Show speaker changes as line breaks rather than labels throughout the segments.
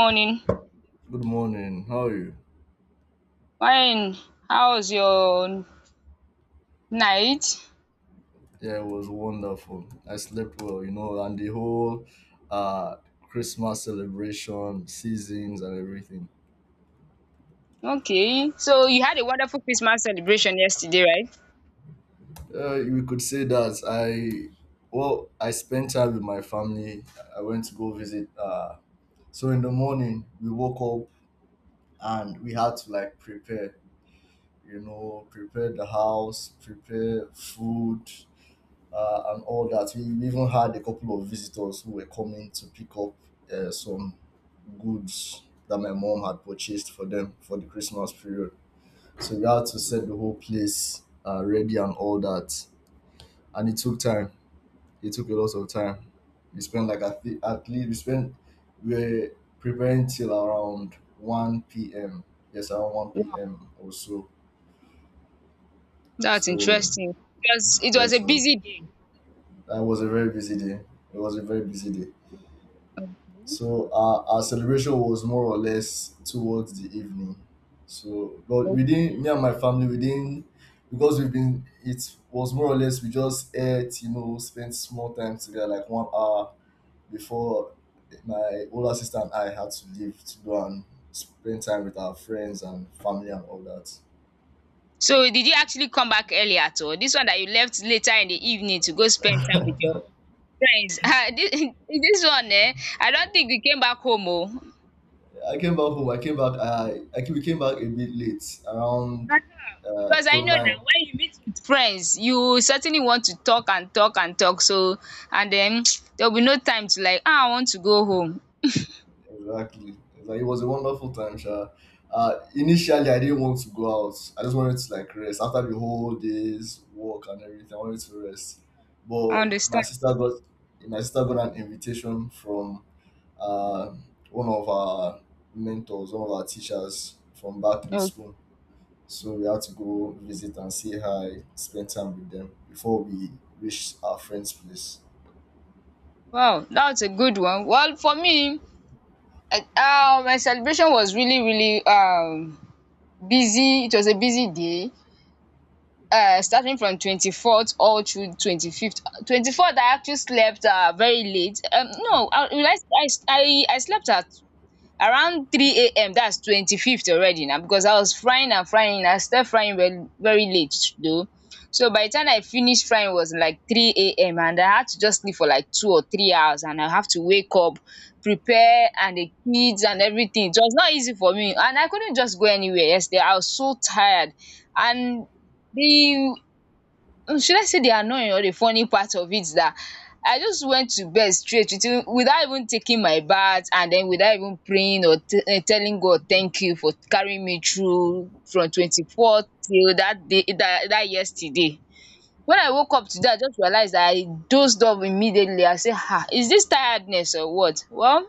Morning.
Good morning. How are you?
Fine. How was your night?
Yeah, it was wonderful. I slept well, you know, and the whole uh Christmas celebration, seasons and everything.
Okay, so you had a wonderful Christmas celebration yesterday, right?
We could say that I spent time with my family. I went to go visit so in the morning we woke up and we had to like prepare, you know, prepare the house, prepare food, and all that. We even had a couple of visitors who were coming to pick up some goods that my mom had purchased for them for the Christmas period. So we had to set the whole place ready and all that. And it took time. It took a lot of time. We spent at least we were preparing till around one p.m. Yes, around one
Wow,
p.m. or so.
that's
So
interesting. It was, it
yeah,
was a
so
busy day.
that was a very busy day. It was a very busy day. So our celebration was more or less towards the evening. So, but we
Okay.
didn't, me and my family, we didn't, because we've been, it was more or less, we just ate, you know, spent small time together, like 1 hour before my older sister and I had to leave to go and spend time with our friends and family and all that.
So did you actually come back early at all? This one that you left later in the evening to go spend time with your friends. Ah, this one, eh? I don't think we came back home, oh.
I came back home, I came back, I came, we came back a bit late, around
Uh-huh. Because I
to
know now,
9.
when you meet with friends, you certainly want to talk and talk and talk. So and then there'll be no time to like, ah, I want to go home.
Exactly. Like, it was a wonderful time, Sha. Initially, I didn't want to go out. I just wanted to like rest after the whole day's work and everything. I wanted to rest,
I
but
understand.
my sister got an invitation from uh, one of our mentors, one of our teachers from back in
Okay.
school. So we had to go visit and say hi, spend time with them before we reached our friend's place.
Wow, that's a good one. Well, for me, my celebration was really, really busy. It was a busy day. Starting from 24th all through 25th. 24th, I actually slept very late. No, I slept at around 3 a.m. That's 25th already now, because I was frying and frying. I started frying very very late though. So by the time I finished frying it was like 3 a.m., and I had to just sleep for like 2 or 3 hours, and I have to wake up, prepare and the kids and everything. It was not easy for me and I couldn't just go anywhere yesterday. I was so tired, and the should I say the annoying or the funny part of it is that I just went to bed straight with without even taking my bath, and then without even praying or telling God thank you for carrying me through from 24th till that day that yesterday. When I woke up today I just realized that I dozed off immediately. I say, "Ha, is this tiredness or what?" Well,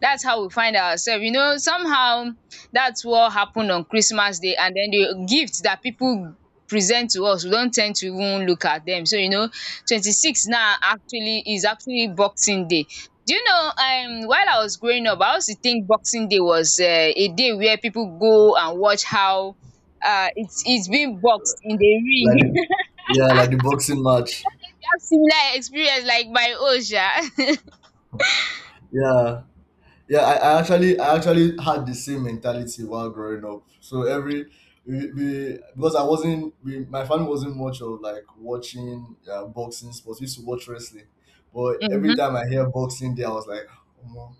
that's how we find ourselves. You know, somehow that's what happened on Christmas Day, and then the gifts that people present to us, we don't tend to even look at them. 26 now actually is actually Boxing Day. Do you know, while I was growing up, I also think Boxing Day was a day where people go and watch how it's being boxed in the ring.
Like the,
You
yeah, like the boxing match.
have similar experience like my own, sha.
Yeah, I actually had the same mentality while growing up. So every we, my family wasn't much of like watching boxing sports. We used to watch wrestling, but every time I hear Boxing Day I was like, oh,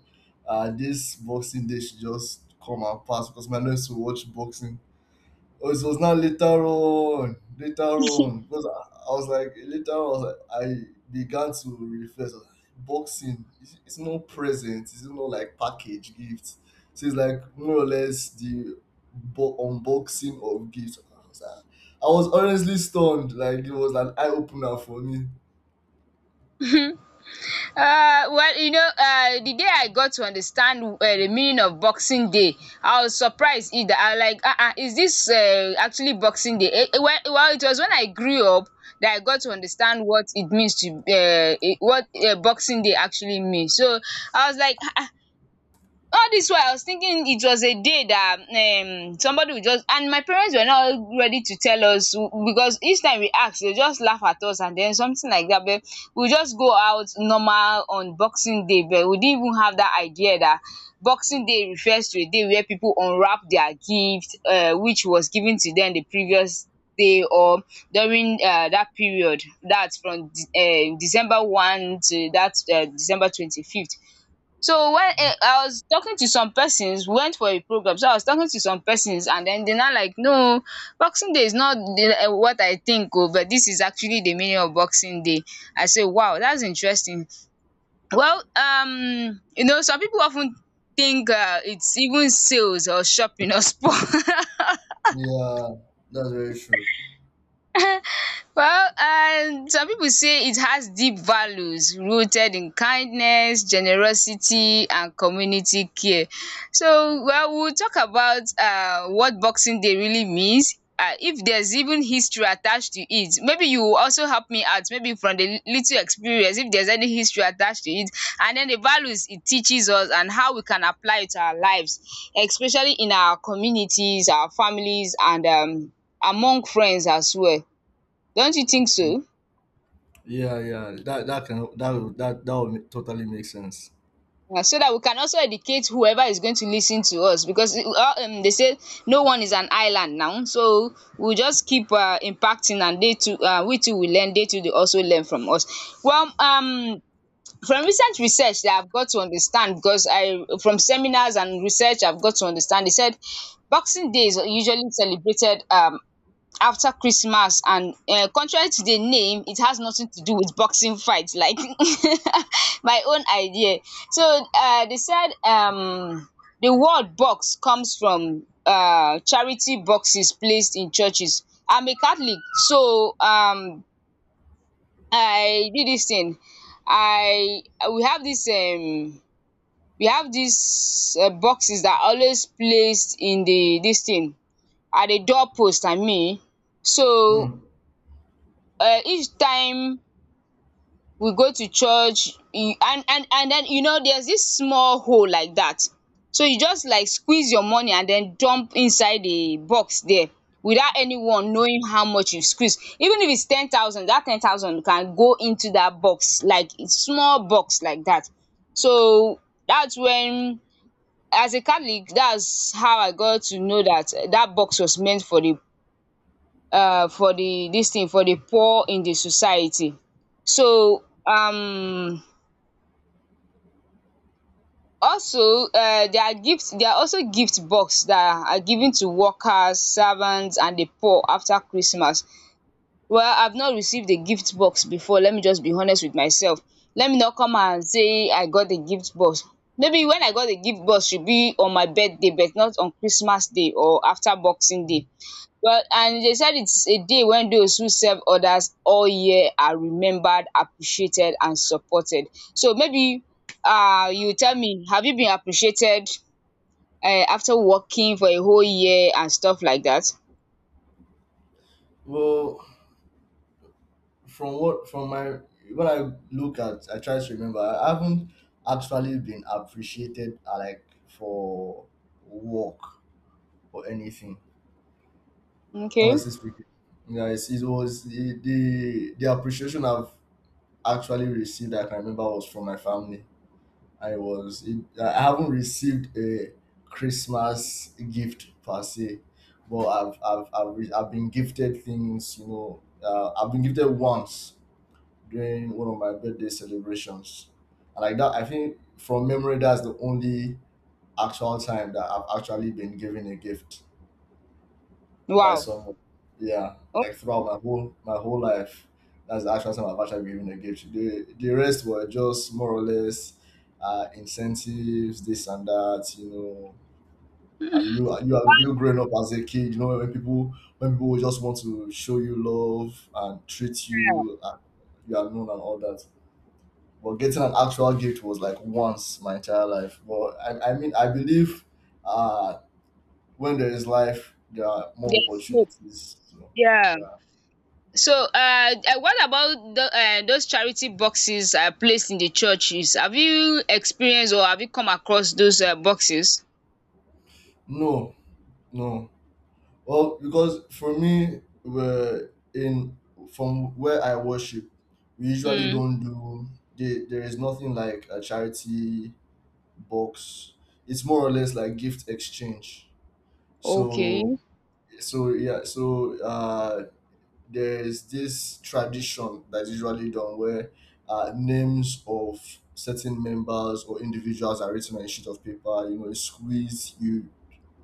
this Boxing Day should just come and pass, because my nurse used to watch boxing. Oh, it was not later on. Later on, because I was like later on, I, was like, I began to reflect. I was like, boxing, it's no present. It's not like package gifts. So it's like more or less the unboxing of gifts. I was like, I was honestly stunned. Like it was an eye opener for me.
Well, you know, the day I got to understand the meaning of Boxing Day, I was surprised. Either I was like, is this actually Boxing Day? Well, it was when I grew up that I got to understand what it means to eh, what Boxing Day actually means. So I was like, all this while I was thinking it was a day that somebody would just, and my parents were not ready to tell us because each time we ask they just laugh at us and then something like that. But we just go out normal on boxing day, but we didn't even have that idea that boxing day refers to a day where people unwrap their gift which was given to them the previous day, or during that period, that's from december one to that december 25th. So when I was talking to some persons, we went for a program. So I was talking to some persons and then they are not like no, boxing day is not the what I think oh, but this is actually the meaning of boxing day. I say wow, that's interesting. Well, you know, some people often think it's even sales or shopping or sport.
Yeah, that's very true.
Well, some people say it has deep values rooted in kindness, generosity and community care. So well, we will talk about what boxing day really means, if there's even history attached to it. Maybe you will also help me out, maybe from the little experience, if there's any history attached to it, and then the values it teaches us and how we can apply it to our lives, especially in our communities, our families and among friends as well. Don't you think so?
Yeah, yeah, that that can that will- that that would totally make sense.
Yeah, so that we can also educate whoever is going to listen to us, because they say no one is an island now. So we'll just keep impacting, and they too we too will learn, they too they also learn from us. Well, from recent research that I've got to understand, because I from seminars and research I've got to understand, they said Boxing Day is usually celebrated after Christmas, and contrary to the name, it has nothing to do with boxing fight, like my own idea. So they said the word box comes from charity boxes placed in churches. I'm a Catholic, so I do this thing. I we have this we have these boxes that are always placed in the this thing at the doorpost, I mean. So
Mm.
each time we go to church e and then you know there's this small hole like that, so you just like squeeze your money and then dump inside the box there, without anyone knowing how much you squeeze. Even if it's 10,000, that 10,000 can go into that box, like it's small box like that. So that's when, as a catholic, that's how I got to know that eh, that box was meant for the this thing for the poor in the society. So also there are gifts. There are also gift box that are given to workers, servants and the poor after Christmas. Well, I've not received a gift box before, let me just be honest with myself. Let me not come and say I got a gift box. Maybe when I got a gift box should be on my birthday, but not on Christmas day or after boxing day. Well, and they said it's a day when those who serve others all year are remembered, appreciated, and supported. So maybe you tell me, have you been appreciated after working for a whole year and stuff like that?
Well, From what from my what I look at I try to remember I haven't actually been appreciated, like for work or anything.
Okay.
Honestly speaking. Yeah, it was the, the appreciation I've actually received that I can remember was from my family. I haven't received a Christmas gift per se, but I've been gifted things. You know, I've been gifted once during one of my birthday celebrations. And like that, I think from memory, that's the only actual time that I've actually been given a gift by
Wow.
someone. Yeah,
Okay.
like throughout my whole life, that's the actual time I've actually been given a gift. The rest were just more or less incentives, this and that. You know, you are you growing up as a kid. You know when people, when people just want to show you love and treat
Yes.
you, you are known and all that. But getting an actual gift was like once my entire life. But I mean, I believe, uh, when there is life, there are more
Hope.
opportunities. So,
Yeah.
yeah.
So what about the, those charity boxes placed in the churches? Have you experienced or have you come across those boxes?
No, no. Well, because for me, we're in from where I worship, we usually
Hmm.
don't do. There is nothing like a charity box. It's more or less like gift exchange. So
Okay.
so yeah, there is this tradition that is usually done where names of certain members or individuals are written on a sheet of paper. You know, you squeeze, you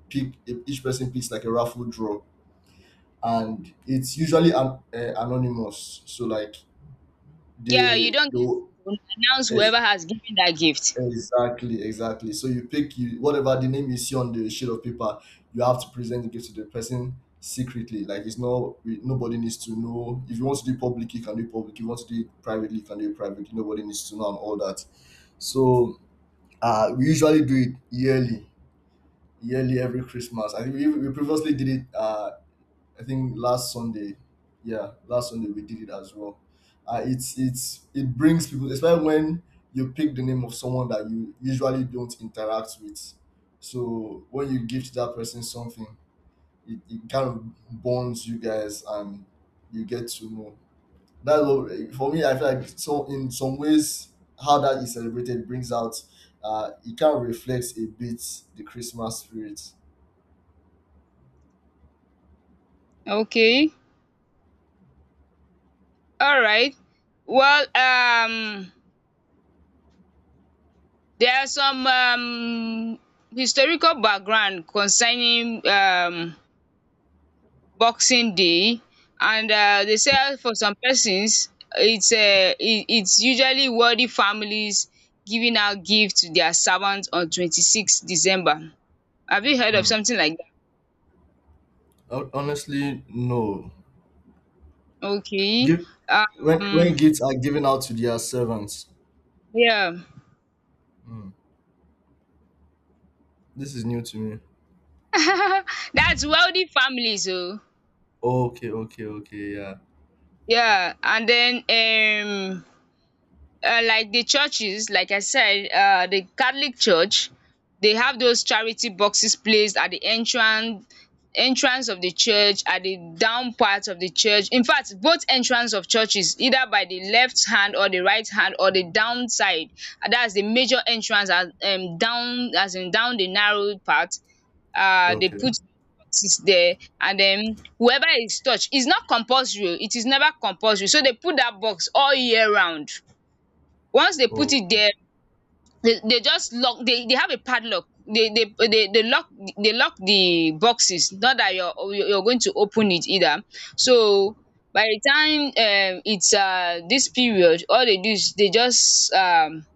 pick, each person picks like a raffle draw, and it's usually an, anonymous. So, like, they,
Yeah, you
they
don't get
will-
to announce whoever has given that gift.
exactly, exactly. So you pick you whatever the name you see on the sheet of paper, you have to present the gift to the person secretly. Like it's not we- nobody needs to know. If you want to do it public, you can do it public. If you want to do it privately, you can do it privately. Nobody needs to know and all that. So we usually do it yearly, yearly every Christmas. I think we previously did it, I think last Sunday, yeah, last Sunday we did it as well. It brings people, especially when you pick the name of someone that you usually don't interact with. So when you gift that person something, it kind of bonds you guys and you get to know. That's what for me. I feel like so in some ways how that is celebrated brings out. It kind of reflects a bit the Christmas spirit.
Okay. All right. Well, there are some historical background concerning Boxing Day, and they say for some persons, it's it's usually wealthy families giving out gifts to their servants on 26th December. Have you heard of
Hmm.
something like
Honestly, no.
that? Okay.
Give, when
Um,
gifts are given out to their servants.
yeah.
Hmm. This is new to me.
That's wealthy families oh.
Okay, okay, okay, yeah.
Yeah, and then like the churches, like I said, the Catholic Church, they have those charity boxes placed at the entrance of the church, at the down part of the church. In fact, both entrance of churches, either by the left hand or the right hand or the down side, and that's the major entrance, as down, as in down the narrow part, they
Okay,
put boxes there. And then whoever is touched, it's not compulsory, it is never compulsory. So they put that box all year round. Once they put it
okay.
there, they just lock, they have a padlock. They lock, they lock the boxes, not that you're going to open it either. So by the time it's this period, all they do is they just um,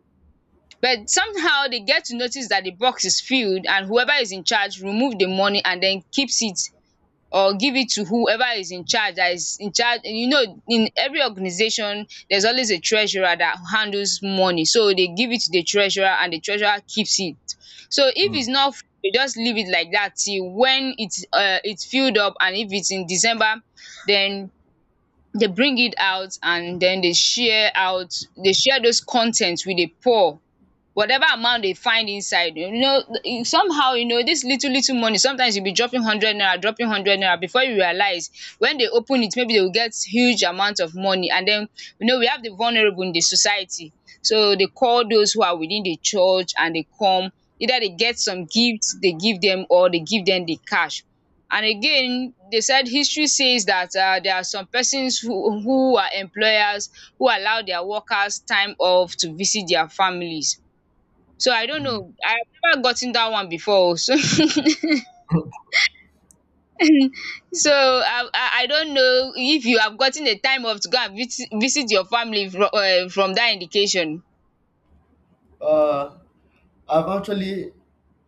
but somehow they get to notice that the box is filled, and whoever is in charge remove the money and then keeps it, or give it to whoever is in charge, that is in charge. You know, in every organization there's always a treasurer that handles money, so they give it to the treasurer and the treasurer keeps it. So if
Mm,
it's not full, they just leave it like that till when it's filled up. And if it's in december, then they bring it out and then they share out, they share those contents with the poor, whatever amount they find inside. You know, e- somehow you know, this little little money, sometimes you'll be dropping 100 naira, dropping 100 naira, before you realize, when they open it maybe they will get huge amount of money. And then you know, we have the vulnerable in the society, so they call those who are within the church and they come, either they get some gifts they give them, or they give them the cash. And again, they said history says that there are some persons who are employers who allow their workers time off to visit their families. So I don't
mm.
know. I've never gotten that one before oh. So so I I I don't know if you have gotten the time off to go and visit your family from that indication.
Uh, I've actually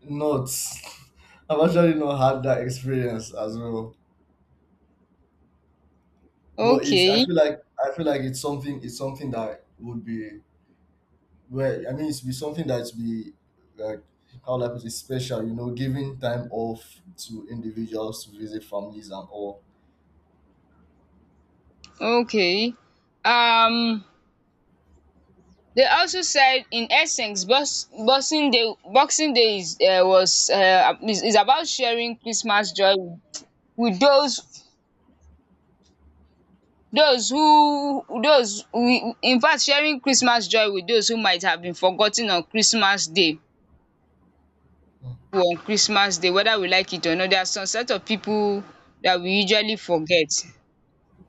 not. I've actually not had that experience as well. But it's. I
Okay,
feel like. I feel like it's something. It's something that would be. Well, I mean, it's be something that's be like how life is special. You know, giving time off to individuals to visit families and all.
okay. Um they also said in essence boxing day is was is about sharing Christmas joy with those we in fact sharing Christmas joy with those who might have been forgotten on Christmas day. On Christmas day, whether we like it or not, there are some set of people that we usually forget.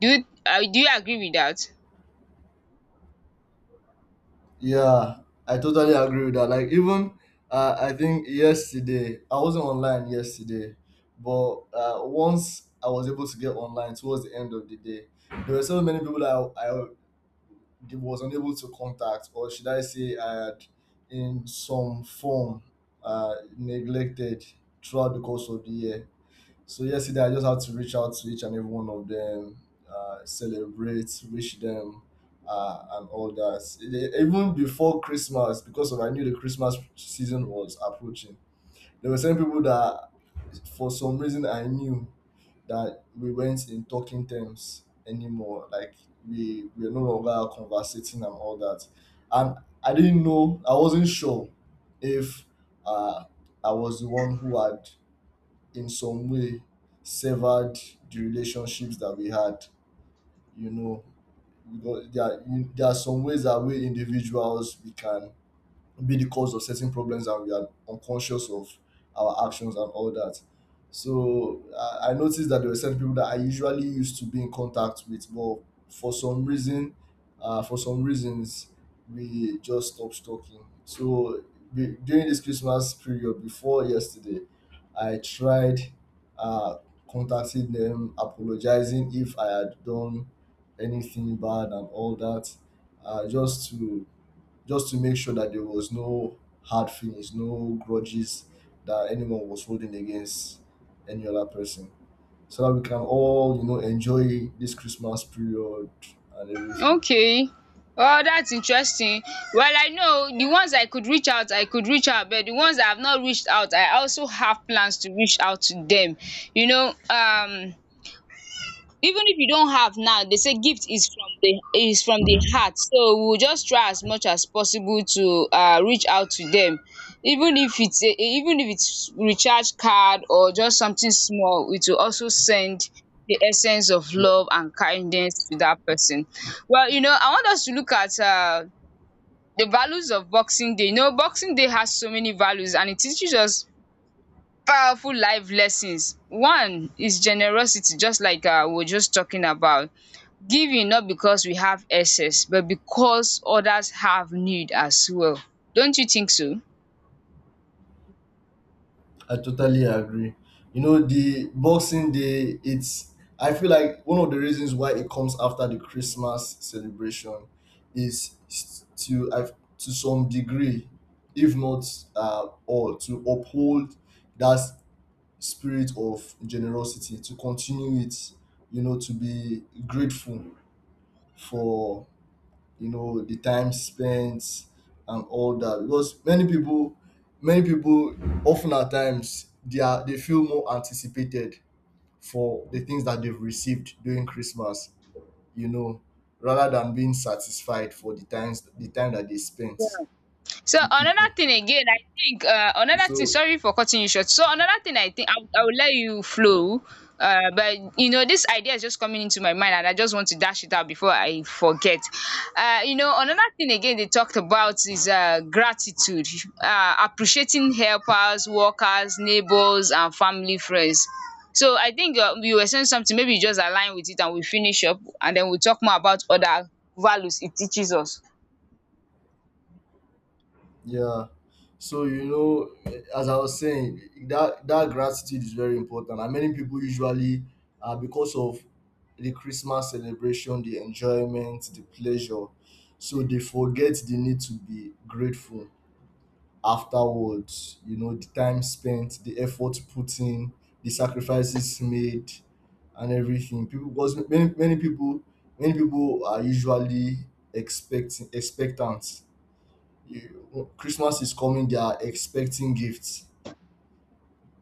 Do you agree with that?
Yeah, I totally agree with that. Like even, I think yesterday I wasn't online yesterday, but once I was able to get online towards the end of the day, there were so many people that I was unable to contact, or should I say, I had in some form neglected throughout the course of the year. So yesterday, I just had to reach out to each and every one of them, celebrate, wish them, and all that. Even before Christmas, because of I knew the Christmas season was approaching. There were some people that, for some reason, I knew that we weren't in talking terms anymore. Like we were no longer conversating and all that. And I didn't know. I wasn't sure if, uh, I was the one who had in some way severed the relationships that we had, you know, because there are some ways that we individuals we can be the cause of certain problems and we are unconscious of our actions and all that. So I noticed that there were certain people that I usually used to be in contact with, but for some reason, uh, for some reasons, we just stopped talking. So during this Christmas period before yesterday, I tried uh, contacting them, apologizing if I had done anything bad and all that, uh, just to just to make sure that there was no hard feelings, no grudges that anyone was holding against any other person. So that we can all, you know, enjoy this Christmas period and everything.
Okay. Oh, that's interesting. Well, I know the ones I could reach out I could reach out, but the ones I have not reached out I also have plans to reach out to them. You know, even if you don't have now, they say gift is from the heart, so we will just try as much as possible to reach out to them, even if it's a, even if it's recharge card or just something small, it will also send the essence of love and kindness to that person.
Yeah.
Well, you know, I want us to look at the values of boxing day. You know, boxing day has so many values and it teaches us powerful life lessons. One is generosity, just like we are just talking about. Giving not because we have excess, but because others have need as well. Don't you think so?
I totally agree. You know, the Boxing Day, I feel like one of the reasons why it comes after the Christmas celebration is to some degree, if not, all, to uphold that spirit of generosity, to continue it, you know, to be grateful for, you know, the time spent and all that, because many people often at times they feel more anticipated for the things that they've received during Christmas, you know, rather than being satisfied for the time that they spent
So
with
another
people.
thing again, I think another thing,
So
sorry for cutting you short. So another thing, I think I will let you flow, but you know this idea is just coming into my mind and I just want to dash it out before I forget. You know, another thing again they talked about is gratitude, appreciating helpers, workers, neighbours and family friends. So I think you were saying something. Maybe you just align with it and we finish up and then we talk more about other values it teaches us.
yeah. So you know, as I was saying, that gratitude is very important. And many people usually, because of the Christmas celebration, the enjoyment, the pleasure, so they forget the need to be grateful afterwards. You know, the time spent, the effort put in, the sacrifices made, and everything. People, because many people, many people are usually expecting expectant. You Well, Christmas is coming, they are expecting gifts,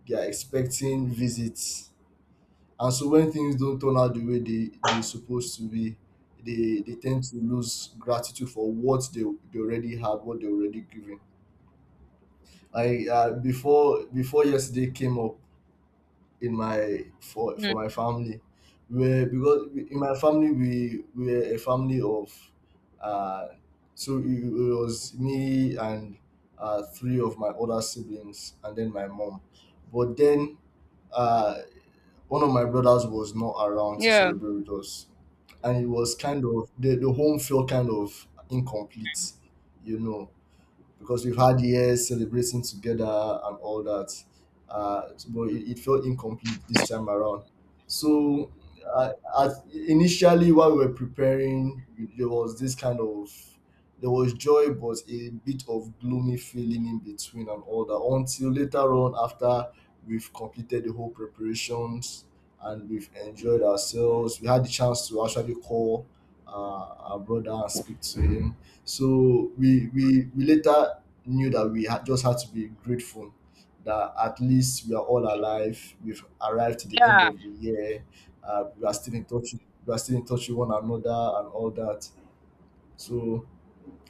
they are expecting visits. And so when things don't turn out the way they're supposed to be, they tend to lose gratitude for what they already had, what they already given. I before yesterday came up, in my for
Mm.
for my family where because in my family we were a family of uh so it was me and three of my other siblings and then my mom, but then uh one of my brothers was not around to
Yeah.
celebrate with us, and it was kind of the home felt kind of incomplete you know because we've had years celebrating together and all that. But it felt incomplete this time around. So, uh, Initially, while we were preparing, there was this kind of there was joy, but a bit of gloomy feeling in between and all that. Until later on, after we've completed the whole preparations and we've enjoyed ourselves, we had the chance to actually call uh, our brother and speak to him. So we later knew that we had just had to be grateful that at least we are all alive. We've arrived to the end
Yeah.
of the year. We are still in touch. We are still in touch with one another and all that. So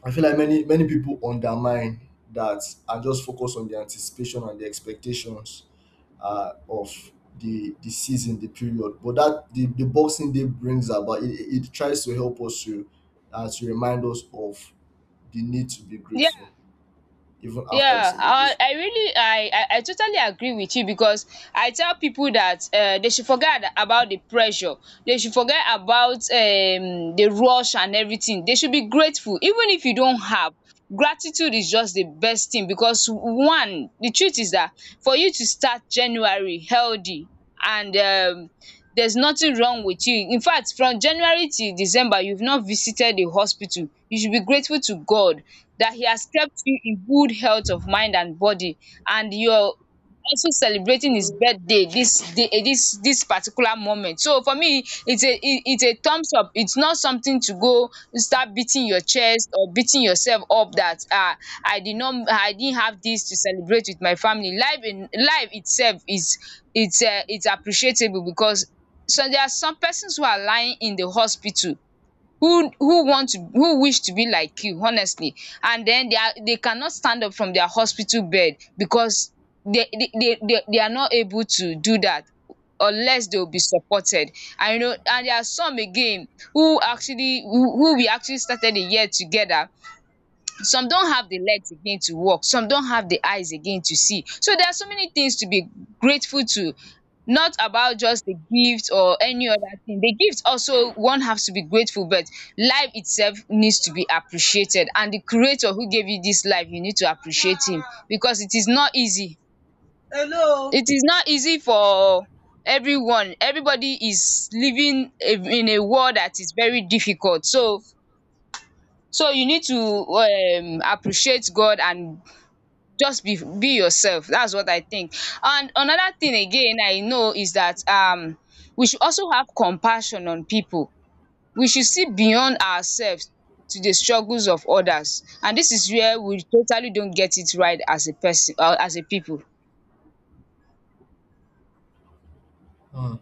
I feel like many people undermine that and just focus on the anticipation and the expectations of the season, the period. But that the Boxing Day brings about, it tries to help us to remind us of the need to be
Yeah.
grateful even after the
Yeah, I
celebration.
I really I I I totally agree with you, because I tell people that they should forget about the pressure, they should forget about the rush and everything. They should be grateful even if you don't have. Gratitude is just the best thing because, one, the truth is that for you to start January healthy and there's nothing wrong with you. In fact, from January till December, you've not visited a hospital. You should be grateful to God that He has kept you in good health of mind and body, and you're also celebrating his birthday this day, this particular moment. So for me it's it's a thumbs up. It's not something to go start beating your chest or beating yourself up that, ah, I didn't have this to celebrate with my family. Life in life itself is, it's appreciable, because so there are some persons who are lying in the hospital who want to, who wish to be like you, honestly, and then they are, they cannot stand up from their hospital bed because they are not able to do that unless they will be supported. And you know, and there are some again who actually who we actually started the year together. Some don't have the legs again to walk, some don't have the eyes again to see. So there are so many things to be grateful to, not about just the gift or any other thing. The gift also one has to be grateful, but life itself needs to be appreciated, and the creator who gave you this life you need to appreciate him, because it is not easy. Hello. It is not easy for everyone. Everybody is living in a world that is very difficult. So you need to appreciate God and just be yourself. That's what I think. And another thing again I know is that we should also have compassion on pipu. We should see beyond ourselves to the struggles of others, and this is where we totally don't get it right as a person or as a pipu.
Mm.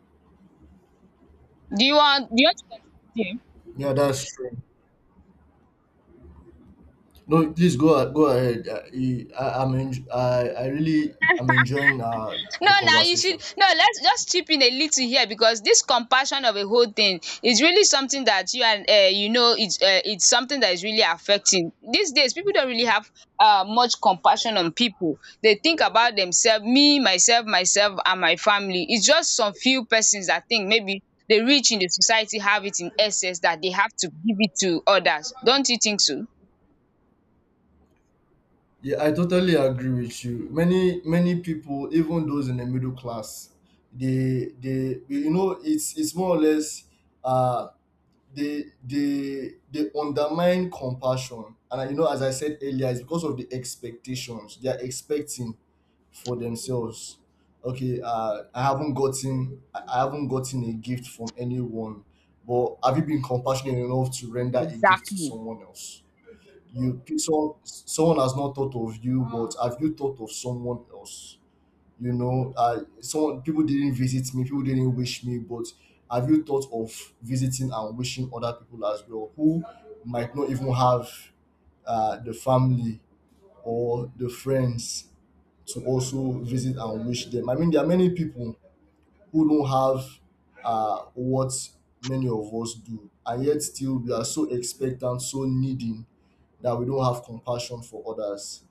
Do you want, do you want to contribute here?
Yeah, that's true. No, please go ahead. I, I'm en- I really am enjoying
No,
the
now you
conversation.
should, no. Let's just chip in a little here, because this compassion of a whole thing is really something that you and, you know, it's something that is really affecting these days. People don't really have much compassion on people. They think about themselves, me, myself, myself, and my family. It's just some few persons that think maybe the rich in the society have it in excess that they have to give it to others. Don't you think so?
Yeah, I totally agree with you. Many people, even those in the middle class, they you know it's more or less uh they undermine compassion. And you know, as I said earlier, it's because of the expectations they are expecting for themselves. Okay, I haven't gotten a gift from anyone, but have you been compassionate enough to render a gift to
Exactly.
someone else? You so, someone has not thought of you, but have you thought of someone else? You know, someone people didn't visit me, people didn't wish me, but have you thought of visiting and wishing other people as well who might not even have the family or the friends to also visit and wish them? I mean, there are many people who don't have what many of us do, and yet still we are so expectant, so needing, that we don't have compassion for others.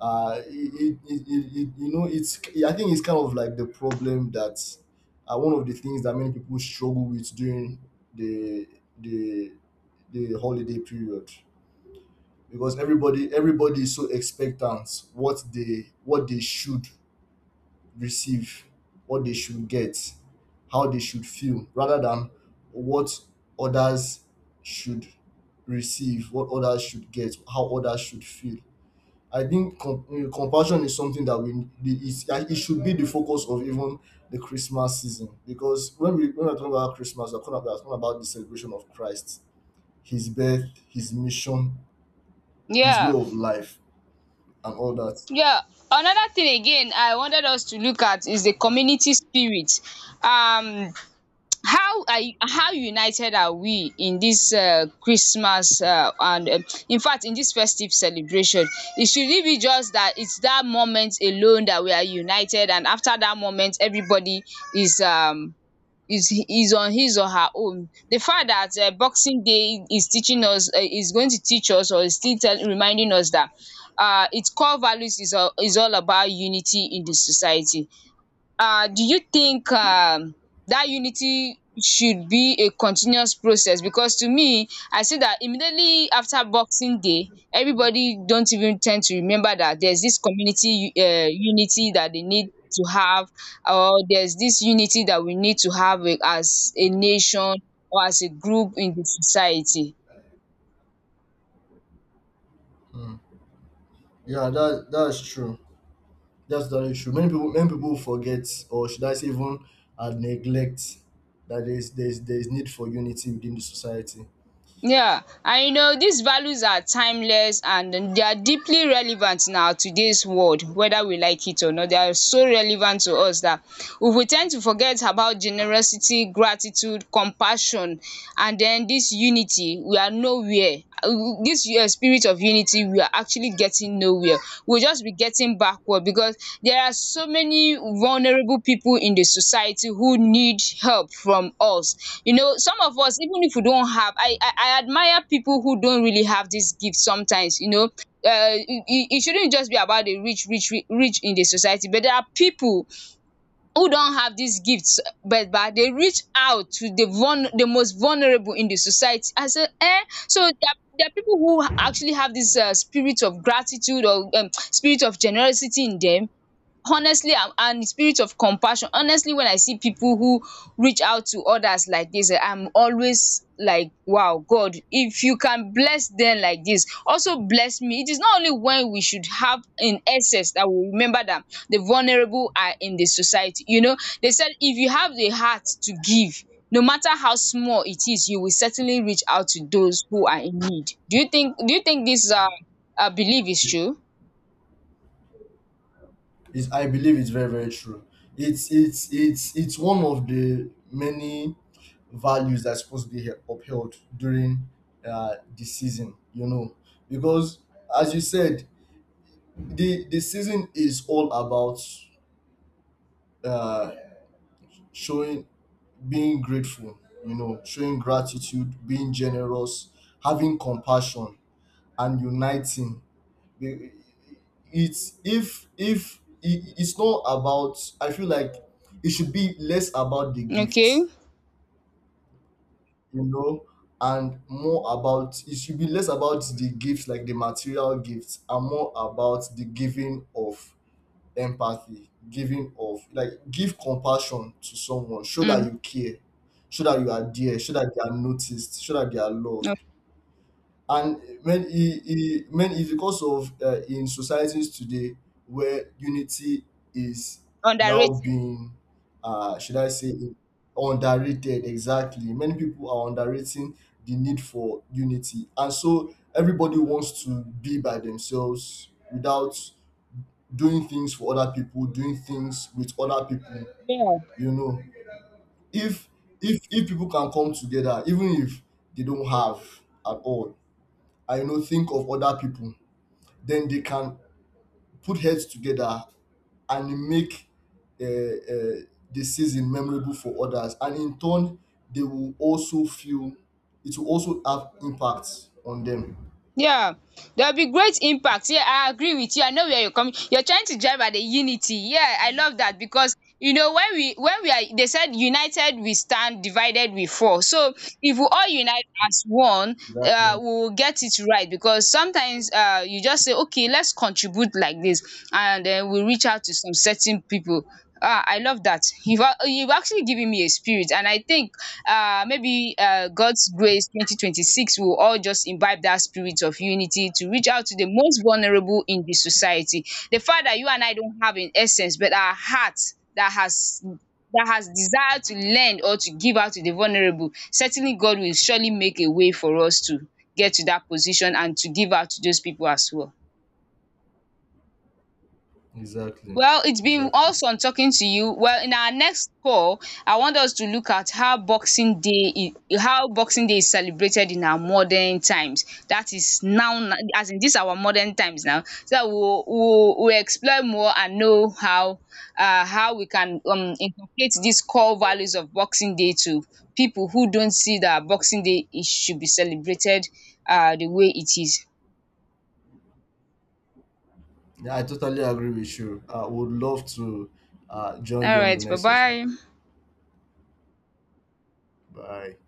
You know, it's I think it's kind of like the problem that one of the things that many people struggle with during the the the holiday period, because everybody is so expectant what they should receive, what they should get, how they should feel, rather than what others should receive, what others should get, how others should feel. I think compassion is something that we it should be the focus of even the Christmas season, because when we're talking about Christmas, we're talking about the celebration of Christ, His birth, His mission, His way
Yeah.
of life, and all that.
Yeah, another thing again I wanted us to look at is the community spirit. Um, how are how united are we in this Christmas and in fact in this festive celebration? It should it be just that it's that moment alone that we are united, and after that moment, everybody is is on his or her own. The fact that boxing day is teaching us, is going to teach us, or is still tell reminding us that its core values is all about unity in the society. Do you think that unity should be a continuous process? Because to me, I see that immediately after Boxing Day, everybody don't even tend to remember that there's this community unity that they need to have, or there's this unity that we need to have, eh, as a nation or as a group in the society.
Yeah, that's true. That's the issue. Many people forget, or should I say even neglect, that there's need for unity within the society.
Yeah, and you know these values are timeless and they are deeply relevant in our today's world, whether we like it or not. They are so relevant to us that if we tend to forget about generosity, gratitude, compassion, and then this unity, we are nowhere. This spirit of unity, we are actually getting nowhere. We'll just be getting backward, because there are so many vulnerable people in the society who need help from us. You know, some of us, even if we don't have, I admire people who don't really have this gift sometimes. You know, it it shouldn't just be about the rich in the society, but there are people who don have dis gifts but ba dey reach out to the vulner the most vulnerable in the society. I a so there are people who actually have dis spirit of gratitude or spirit of generosity in dem, honestly. And the spirit of compassion, honestly, when I see people who reach out to others like this, eh, I'm always like, wow, God, if you can bless them like this, also bless me. It is not only when we should have in excess that we remember that the vulnerable are in the society. You know, they said if you have the heart to give, no matter how small it is, you will certainly reach out to those who are in need. Do you think, do you think this belief is true?
Is I believe it's very, very true. It's it's one of the many values that's supposed to be upheld during the season, you know, because as you said, the season is all about uh, showing being grateful, you know, showing gratitude, being generous, having compassion, and uniting. Be- it's if it- it's not about, I feel like it should be less about the
Okay.
gifts, you know, and more about, it should be less about the gifts like the material gifts, and more about the giving of empathy, giving of like give compassion to someone, show that
Mm.
you care, show that you are there, show that they are noticed, show that they are
No.
loved. And when he when it's because of in societies today where unity is now
Underrated.
being should I say underrated, exactly, many people are underrating the need for unity, and so everybody wants to be by themselves without doing things for other people, doing things with other people.
Yeah,
You know, if if people can come together, even if they don't have at all, I know think of other people, then they can put heads together and make uh, uh, the season memorable for others, and in turn they will also feel, it will also have impact on them.
yeah. There'll be great impact. Yeah, I agree with you. I know where you're coming. You're trying to drive at the unity. Yeah, I love that, because you know, when we, when we are, they said united we stand, divided we fall. So if we all unite as one,
Exactly.
we will get it right, because sometimes you just say okay, let's contribute like this, and then we reach out to some certain people. Ah, I love that. You've actually given me a spirit, and I think maybe God's grace 2026, we will all just imbibe that spirit of unity to reach out to the most vulnerable in the society. The fact that you and I don't have in essence, but our heart that has, that has desired to lend or to give out to the vulnerable, certainly God will surely make a way for us to get to that position and to give out to those people as well.
Exactly.
Well, it's been
Exactly.
awesome talking to you. Well, in our next call, I want us to look at how Boxing Day is, how Boxing Day is celebrated in our modern times. That is now, as in this our modern times now. So that we'll explore more and know how we can, inculcate these core values of Boxing Day to people who don't see that Boxing Day is, should be celebrated the way it is.
Yeah, I totally agree with you. I would love to join
All
you on the
right, bye
next session.
bye.
Bye.